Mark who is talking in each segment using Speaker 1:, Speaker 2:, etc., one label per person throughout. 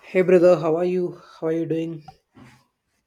Speaker 1: Hey brother, how are you? How are you doing?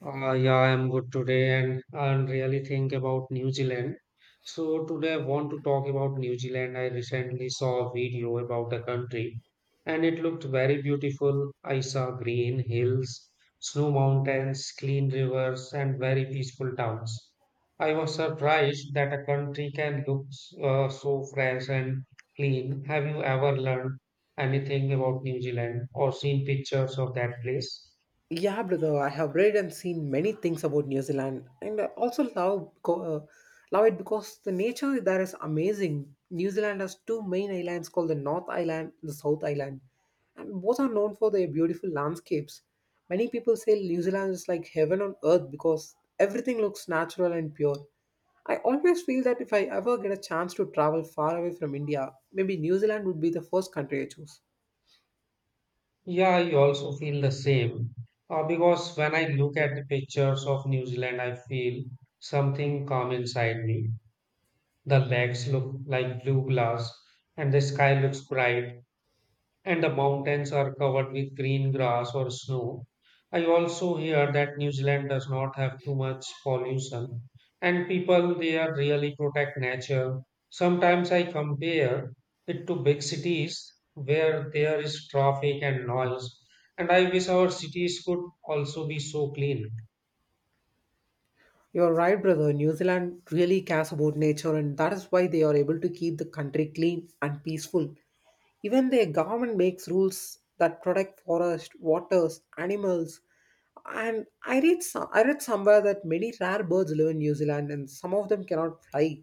Speaker 2: Yeah, I'm good today and I'm really think about New Zealand. So today I want to talk about New Zealand. I recently saw a video about the country and it looked very beautiful. I saw green hills, snow mountains, clean rivers and very peaceful towns. I was surprised that a country can look so fresh and clean. Have you ever learned anything about New Zealand or seen pictures of that place?
Speaker 1: Yeah, brother, I have read and seen many things about New Zealand, and I also love love it because the nature there is amazing. New Zealand has two main islands called the North Island and the South Island, and both are known for their beautiful landscapes. Many people say New Zealand is like heaven on earth because everything looks natural and pure. I always feel that if I ever get a chance to travel far away from India, maybe New Zealand would be the first country I choose.
Speaker 2: Yeah, I also feel the same. Because when I look at the pictures of New Zealand, I feel something calm inside me. The lakes look like blue glass, and the sky looks bright and the mountains are covered with green grass or snow. I also hear that New Zealand does not have too much pollution, and people there really protect nature. Sometimes I compare it to big cities where there is traffic and noise, and I wish our cities could also be so clean.
Speaker 1: You're right, brother. New Zealand really cares about nature, and that is why they are able to keep the country clean and peaceful. Even their government makes rules that protect forest, waters, animals. And I read somewhere that many rare birds live in New Zealand, and some of them cannot fly.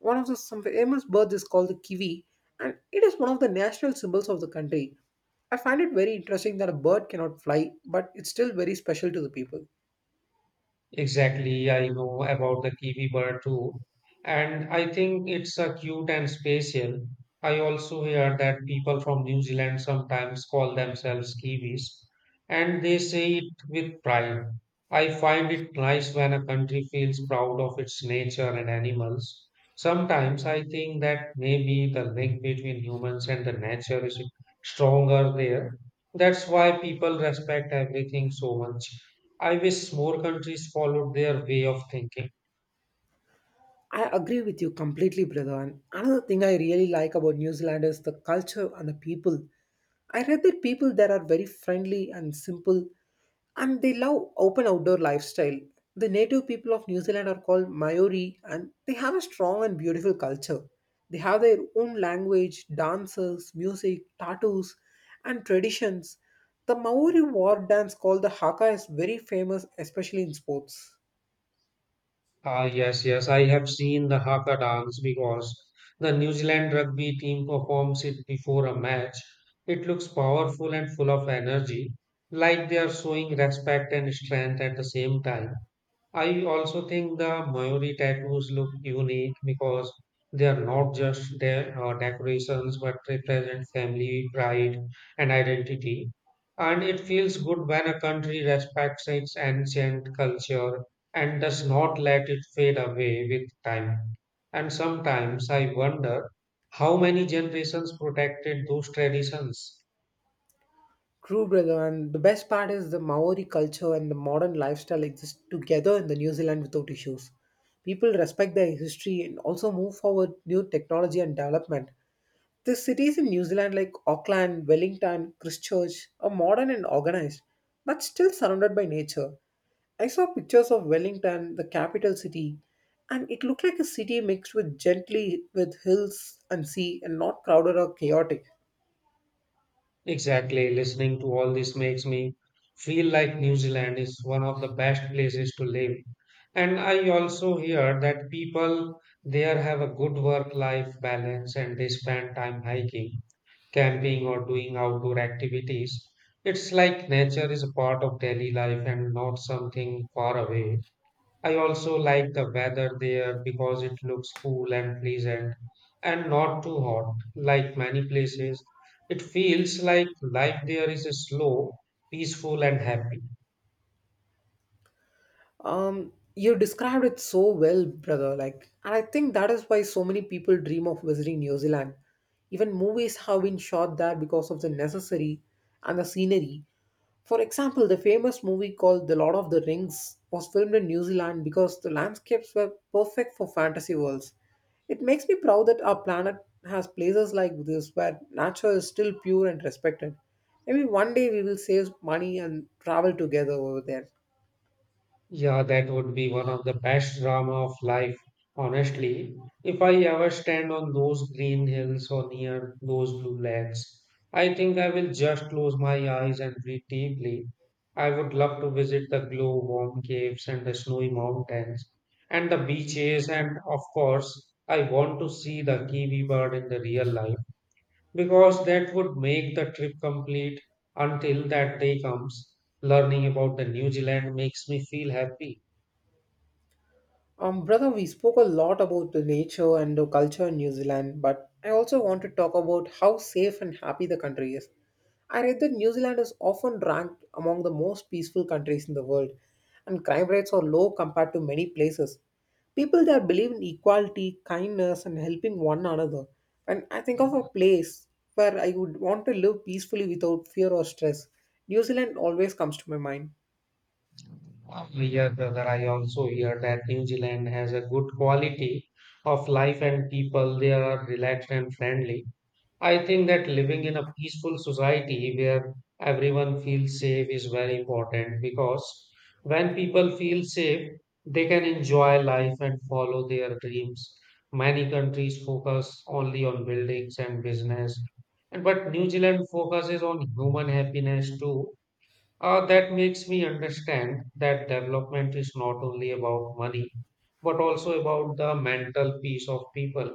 Speaker 1: One of the some famous birds is called the kiwi, and it is one of the national symbols of the country. I find it very interesting that a bird cannot fly, but it's still very special to the people.
Speaker 2: Exactly, I know about the kiwi bird too, and I think it's a cute and spatial. I also hear that people from New Zealand sometimes call themselves kiwis, and they say it with pride. I find it nice when a country feels proud of its nature and animals. Sometimes I think that maybe the link between humans and the nature is stronger there. That's why people respect everything so much. I wish more countries followed their way of thinking.
Speaker 1: I agree with you completely, brother. And another thing I really like about New Zealand is the culture and the people. I read that people there are very friendly and simple, and they love open outdoor lifestyle. The native people of New Zealand are called Maori, and they have a strong and beautiful culture. They have their own language, dances, music, tattoos, and traditions. The Maori war dance called the Haka is very famous, especially in sports.
Speaker 2: Ah, yes, yes, I have seen the Haka dance because the New Zealand rugby team performs it before a match. It looks powerful and full of energy, like they are showing respect and strength at the same time. I also think the Mayuri tattoos look unique because they are not just their decorations but represent family, pride, and identity. And it feels good when a country respects its ancient culture and does not let it fade away with time. And sometimes I wonder how many generations protected those traditions.
Speaker 1: True, brother. And the best part is the Maori culture and the modern lifestyle exist together in the New Zealand without issues. People respect their history and also move forward new technology and development. The cities in New Zealand like Auckland, Wellington, Christchurch are modern and organized, but still surrounded by nature. I saw pictures of Wellington, the capital city, and it looked like a city mixed with gently with hills and sea and not crowded or chaotic.
Speaker 2: Exactly. Listening to all this makes me feel like New Zealand is one of the best places to live. And I also hear that people there have a good work-life balance and they spend time hiking, camping, or doing outdoor activities. It's like nature is a part of daily life and not something far away. I also like the weather there because it looks cool and pleasant and not too hot like many places. It feels like life there is slow, peaceful, and happy.
Speaker 1: You described it so well, brother. Like, and I think that is why so many people dream of visiting New Zealand. Even movies have been shot there because of the necessary and the scenery. For example, the famous movie called The Lord of the Rings was filmed in New Zealand because the landscapes were perfect for fantasy worlds. It makes me proud that our planet has places like this where nature is still pure and respected. Maybe one day we will save money and travel together over there.
Speaker 2: Yeah, that would be one of the best drama of life, honestly. If I ever stand on those green hills or near those blue lakes, I think I will just close my eyes and breathe deeply. I would love to visit the glow warm caves and the snowy mountains and the beaches, and of course, I want to see the kiwi bird in the real life because that would make the trip complete. Until that day comes, learning about the New Zealand makes me feel happy.
Speaker 1: Brother, we spoke a lot about the nature and the culture in New Zealand, but I also want to talk about how safe and happy the country is. I read that New Zealand is often ranked among the most peaceful countries in the world, and crime rates are low compared to many places. People there believe in equality, kindness, and helping one another. And I think of a place where I would want to live peacefully without fear or stress. New Zealand always comes to my mind.
Speaker 2: Yeah, Brother, I also hear that New Zealand has a good quality of life and people there are relaxed and friendly. I think that living in a peaceful society where everyone feels safe is very important because when people feel safe, they can enjoy life and follow their dreams. Many countries focus only on buildings and business, and but New Zealand focuses on human happiness too. That makes me understand that development is not only about money, but also about the mental peace of people.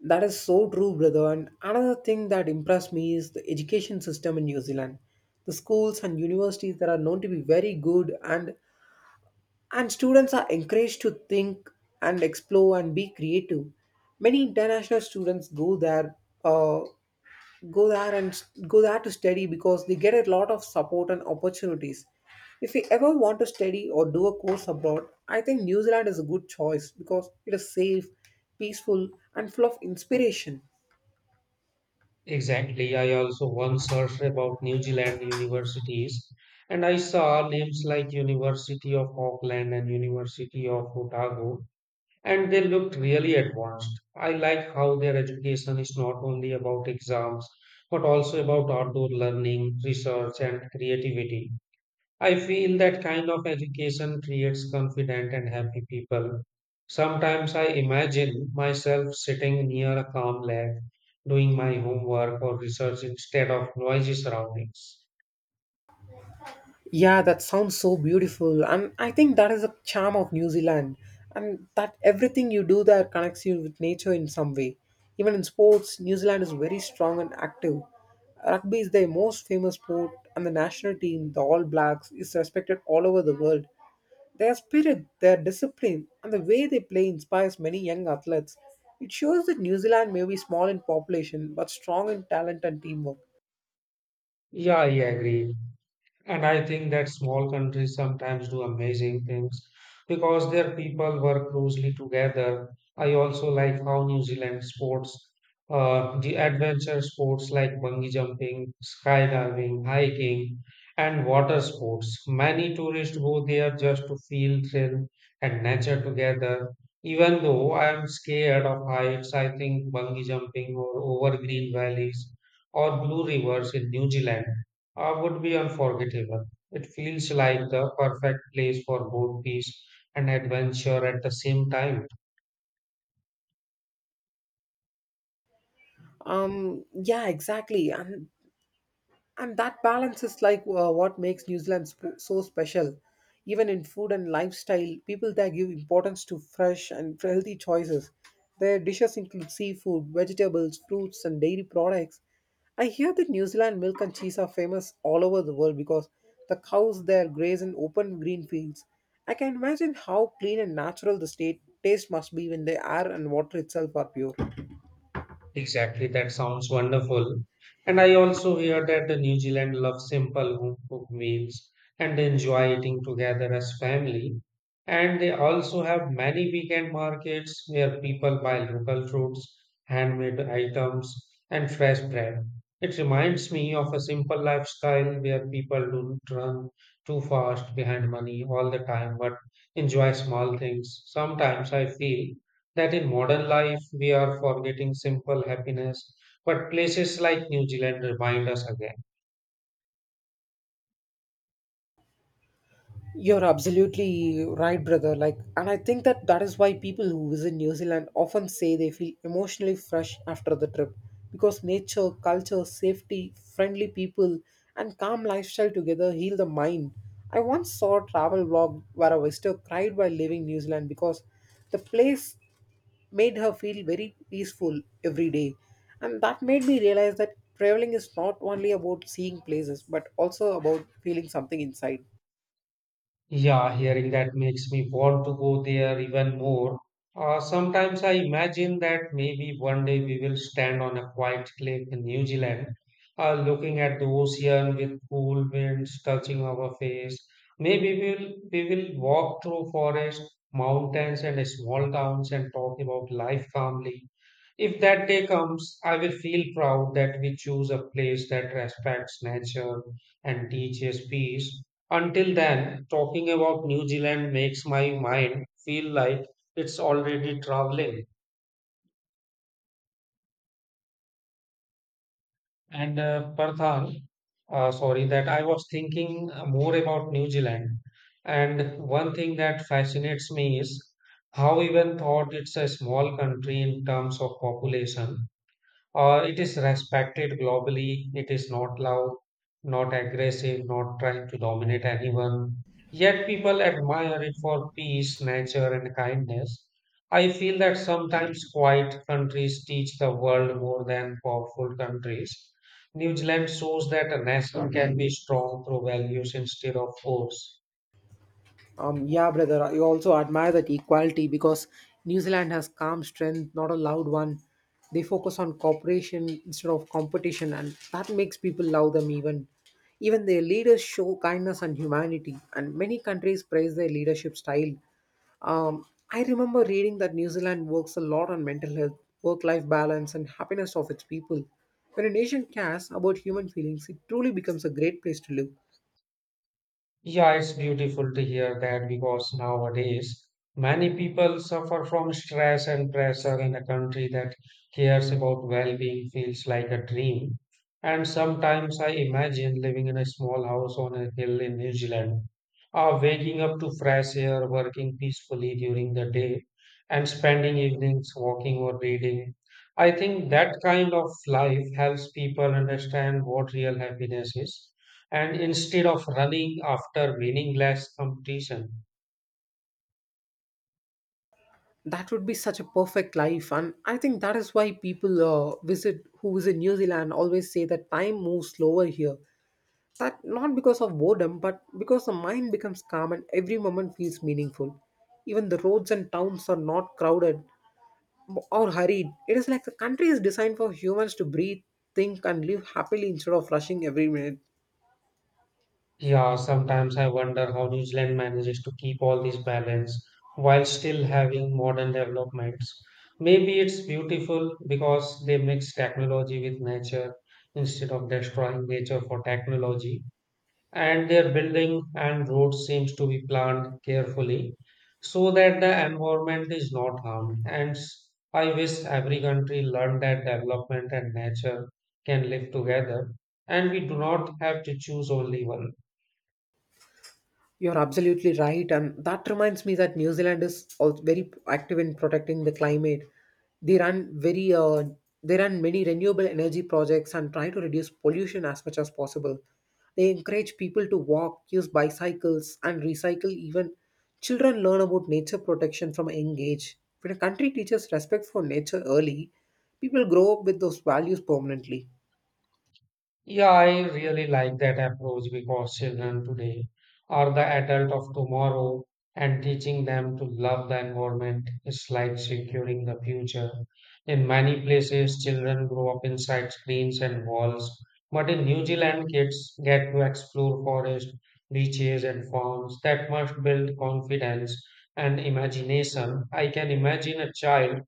Speaker 1: That is so true, brother. And another thing that impressed me is the education system in New Zealand. The schools and universities that are known to be very good, and students are encouraged to think and explore and be creative. Many international students go there, uh, go there and go there to study because they get a lot of support and opportunities. If you ever want to study or do a course abroad, I think New Zealand is a good choice because it is safe, peaceful, and full of inspiration.
Speaker 2: Exactly. I also once searched about New Zealand universities, and I saw names like University of Auckland and University of Otago, and they looked really advanced. I like how their education is not only about exams, but also about outdoor learning, research, and creativity. I feel that kind of education creates confident and happy people. Sometimes I imagine myself sitting near a calm lake, doing my homework or research instead of noisy surroundings.
Speaker 1: Yeah, that sounds so beautiful. And I think that is a charm of New Zealand. And that everything you do there connects you with nature in some way. Even in sports, New Zealand is very strong and active. Rugby is their most famous sport, and the national team, the All Blacks, is respected all over the world. Their spirit, their discipline, and the way they play inspires many young athletes. It shows that New Zealand may be small in population but strong in talent and teamwork.
Speaker 2: Yeah, I agree. And I think that small countries sometimes do amazing things because their people work closely together. I also like how New Zealand sports, the adventure sports like bungee jumping, skydiving, hiking, and water sports. Many tourists go there just to feel thrill and nature together. Even though I am scared of heights, I think bungee jumping or over green valleys or blue rivers in New Zealand would be unforgettable. It feels like the perfect place for both peace and adventure at the same time.
Speaker 1: Yeah, exactly. And that balance is like what makes New Zealand so special. Even in food and lifestyle, people there give importance to fresh and healthy choices. Their dishes include seafood, vegetables, fruits, and dairy products. I hear that New Zealand milk and cheese are famous all over the world because the cows there graze in open green fields. I can imagine how clean and natural the state taste must be when the air and water itself are pure.
Speaker 2: Exactly, that sounds wonderful. And I also hear that the New Zealand love simple home cooked meals and they enjoy eating together as family. And they also have many weekend markets where people buy local fruits, handmade items, and fresh bread. It reminds me of a simple lifestyle where people don't run too fast behind money all the time but enjoy small things. Sometimes I feel that in modern life we are forgetting simple happiness, but places like New Zealand remind us again.
Speaker 1: You're absolutely right, brother. Like, and I think that is why people who visit New Zealand often say they feel emotionally fresh after the trip because nature, culture, safety, friendly people, and calm lifestyle together heal the mind. I once saw a travel vlog where a visitor cried while leaving New Zealand because the place made her feel very peaceful every day. And that made me realize that traveling is not only about seeing places but also about feeling something inside.
Speaker 2: Yeah, hearing that makes me want to go there even more. Sometimes I imagine that maybe one day we will stand on a quiet cliff in New Zealand, looking at the ocean with cool winds touching our face. Maybe we will walk through forests, mountains, and small towns and talk about life calmly. If that day comes, I will feel proud that we choose a place that respects nature and teaches peace. Until then, talking about New Zealand makes my mind feel like it's already traveling. And Parthan, sorry, that I was thinking more about New Zealand. And one thing that fascinates me is how, even thought it's a small country in terms of population, it is respected globally. It is not loud, not aggressive, not trying to dominate anyone. Yet people admire it for peace, nature, and kindness. I feel that sometimes quiet countries teach the world more than powerful countries. New Zealand shows that a nation can be strong through values instead of force.
Speaker 1: Yeah, brother, I also admire that equality because New Zealand has calm strength, not a loud one. They focus on cooperation instead of competition, and that makes people love them even. Even their leaders show kindness and humanity, and many countries praise their leadership style. Um, I remember reading that New Zealand works a lot on mental health, work life balance, and happiness of its people. When a nation cares about human feelings, it truly becomes a great place to live.
Speaker 2: Yeah, it's beautiful to hear that because nowadays many people suffer from stress and pressure in a country that cares about well-being feels like a dream. And sometimes I imagine living in a small house on a hill in New Zealand, waking up to fresh air, working peacefully during the day, and spending evenings walking or reading. I think that kind of life helps people understand what real happiness is and instead of running after meaningless competition,
Speaker 1: That would be such a perfect life, and I think that is why people visit who visit New Zealand always say that time moves slower here. That not because of boredom, but because the mind becomes calm and every moment feels meaningful. Even the roads and towns are not crowded or hurried. It is like the country is designed for humans to breathe, think, and live happily instead of rushing every minute.
Speaker 2: yeah, sometimes I wonder how New Zealand manages to keep all this balance while still having modern developments. Maybe it's beautiful because they mix technology with nature instead of destroying nature for technology. And their building and roads seems to be planned carefully so that the environment is not harmed I wish every country learned that development and nature can live together and we do not have to choose only one.
Speaker 1: You're absolutely right, and that reminds me that New Zealand is also very active in protecting the climate. They run very uh, they run many renewable energy projects and try to reduce pollution as much as possible. They encourage people to walk, use bicycles, and recycle. Even children learn about nature protection from a young age. When a country teaches respect for nature early, people grow up with those values permanently.
Speaker 2: Yeah, I really like that approach because children today are the adult of tomorrow and teaching them to love the environment is like securing the future. In many places, children grow up inside screens and walls, but in New Zealand, kids get to explore forests, beaches, and farms that must build confidence and imagination. I can imagine a child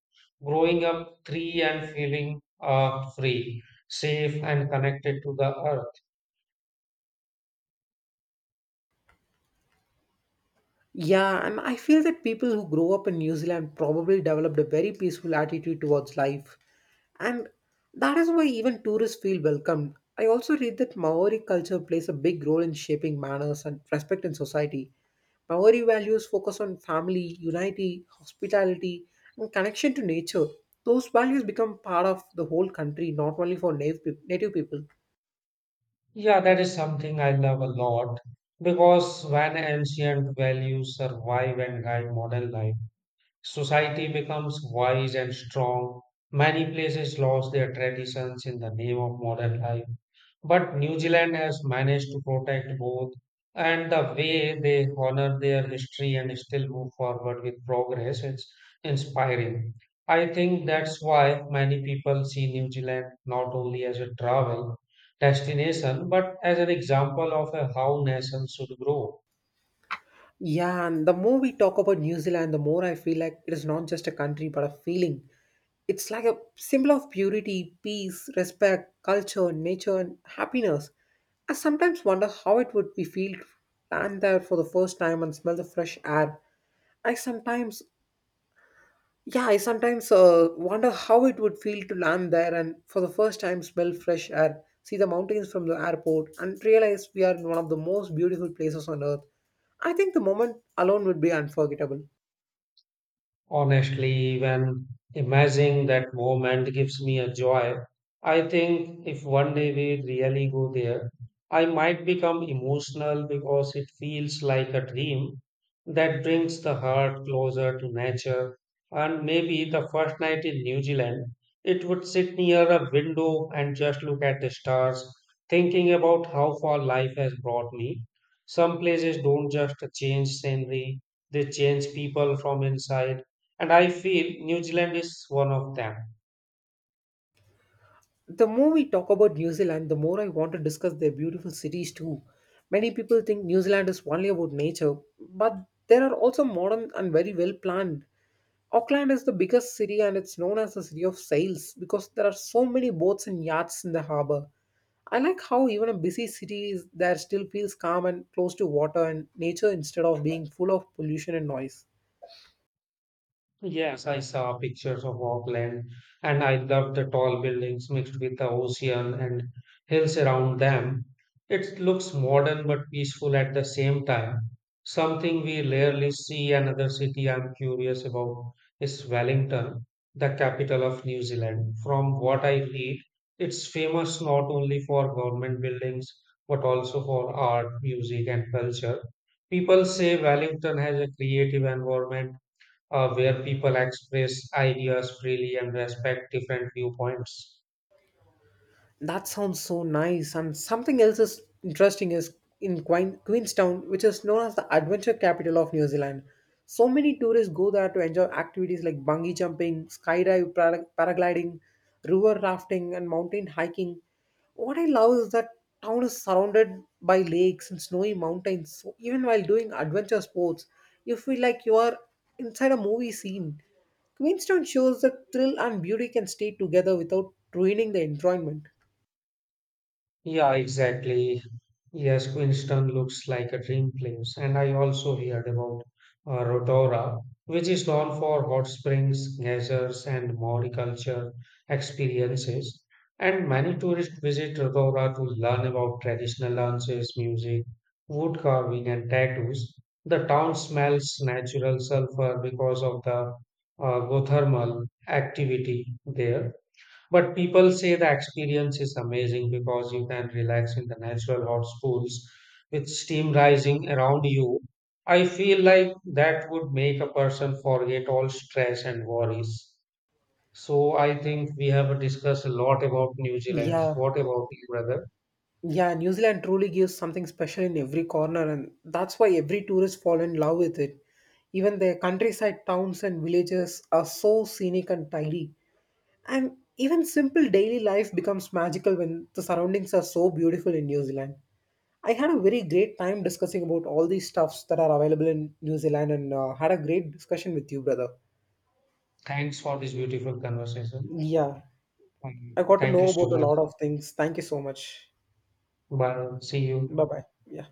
Speaker 2: growing up free and feeling free, safe and connected to the earth.
Speaker 1: Yeah, and I feel that people who grow up in New Zealand probably developed a very peaceful attitude towards life. And that is why even tourists feel welcomed. I also read that Maori culture plays a big role in shaping manners and respect in society. Maori values focus on family, unity, hospitality, and connection to nature. Those values become part of the whole country, not only for native people.
Speaker 2: Yeah, that is something I love a lot because when ancient values survive and guide modern life, society becomes wise and strong. Many places lost their traditions in the name of modern life. But New Zealand has managed to protect both and the way they honor their history and still move forward with progress is inspiring. I think that's why many people see New Zealand not only as a travel destination but as an example of a how nations should grow.
Speaker 1: Yeah, and the more we talk about New Zealand, the more I feel like it is not just a country but a feeling. It's like a symbol of purity, peace, respect, culture, nature, and happiness. I sometimes wonder how it would be feel to land there for the first time and smell the fresh air. I sometimes, yeah, I sometimes wonder how it would feel to land there and for the first time smell fresh air, see the mountains from the airport, and realize we are in one of the most beautiful places on earth. I think the moment alone would be unforgettable.
Speaker 2: Honestly, even imagining that moment gives me a joy. I think if one day we really go there, I might become emotional because it feels like a dream that brings the heart closer to nature. And maybe the first night in New Zealand, it would sit near a window and just look at the stars, thinking about how far life has brought me. Some places don't just change scenery, they change people from inside. And I feel New Zealand is one of them.
Speaker 1: The more we talk about New Zealand, the more I want to discuss their beautiful cities too. Many people think New Zealand is only about nature, but there are also modern and very well planned. Auckland is the biggest city and it's known as the city of sails because there are so many boats and yachts in the harbor. I like how even a busy city is there still feels calm and close to water and nature instead of being full of pollution and noise.
Speaker 2: Yes, I saw pictures of Auckland and I loved the tall buildings mixed with the ocean and hills around them. It looks modern but peaceful at the same time. Something we rarely see another city I'm curious about is Wellington, the capital of New Zealand. From what I read, it's famous not only for government buildings but also for art, music, and culture. People say Wellington has a creative environment where people express ideas freely and respect different viewpoints.
Speaker 1: That sounds so nice. And something else is interesting is in Queenstown, which is known as the adventure capital of New Zealand. So many tourists go there to enjoy activities like bungee jumping, skydive, paragliding, river rafting, and mountain hiking. What I love is that town is surrounded by lakes and snowy mountains. So even while doing adventure sports, you feel like you are inside a movie scene. Queenstown shows that thrill and beauty can stay together without ruining the enjoyment.
Speaker 2: Yeah, exactly. Yes, Queenstown looks like a dream place, and I also heard about Rotorua, which is known for hot springs, geysers, and Maori culture experiences. And many tourists visit Rotorua to learn about traditional dances, music, wood carving, and tattoos. The town smells natural sulfur because of the geothermal activity there but people say the experience is amazing because you can relax in the natural hot pools with steam rising around you. I feel like that would make a person forget all stress and worries. So I think we have discussed a lot about New Zealand.
Speaker 1: Yeah,
Speaker 2: What about you, brother?
Speaker 1: yeah, New Zealand truly gives something special in every corner, and that's why every tourist fall in love with it. Even their countryside towns and villages are so scenic and tidy, and even simple daily life becomes magical when the surroundings are so beautiful in New Zealand. I had a very great time discussing about all these stuffs that are available in New Zealand, and had a great discussion with you, brother.
Speaker 2: Thanks for this beautiful conversation.
Speaker 1: Yeah, I got to
Speaker 2: Thank
Speaker 1: know
Speaker 2: you so
Speaker 1: about a
Speaker 2: much.
Speaker 1: lot of things. Thank you so much.
Speaker 2: Bye. See
Speaker 1: Bye
Speaker 2: you.
Speaker 1: bye. Yeah.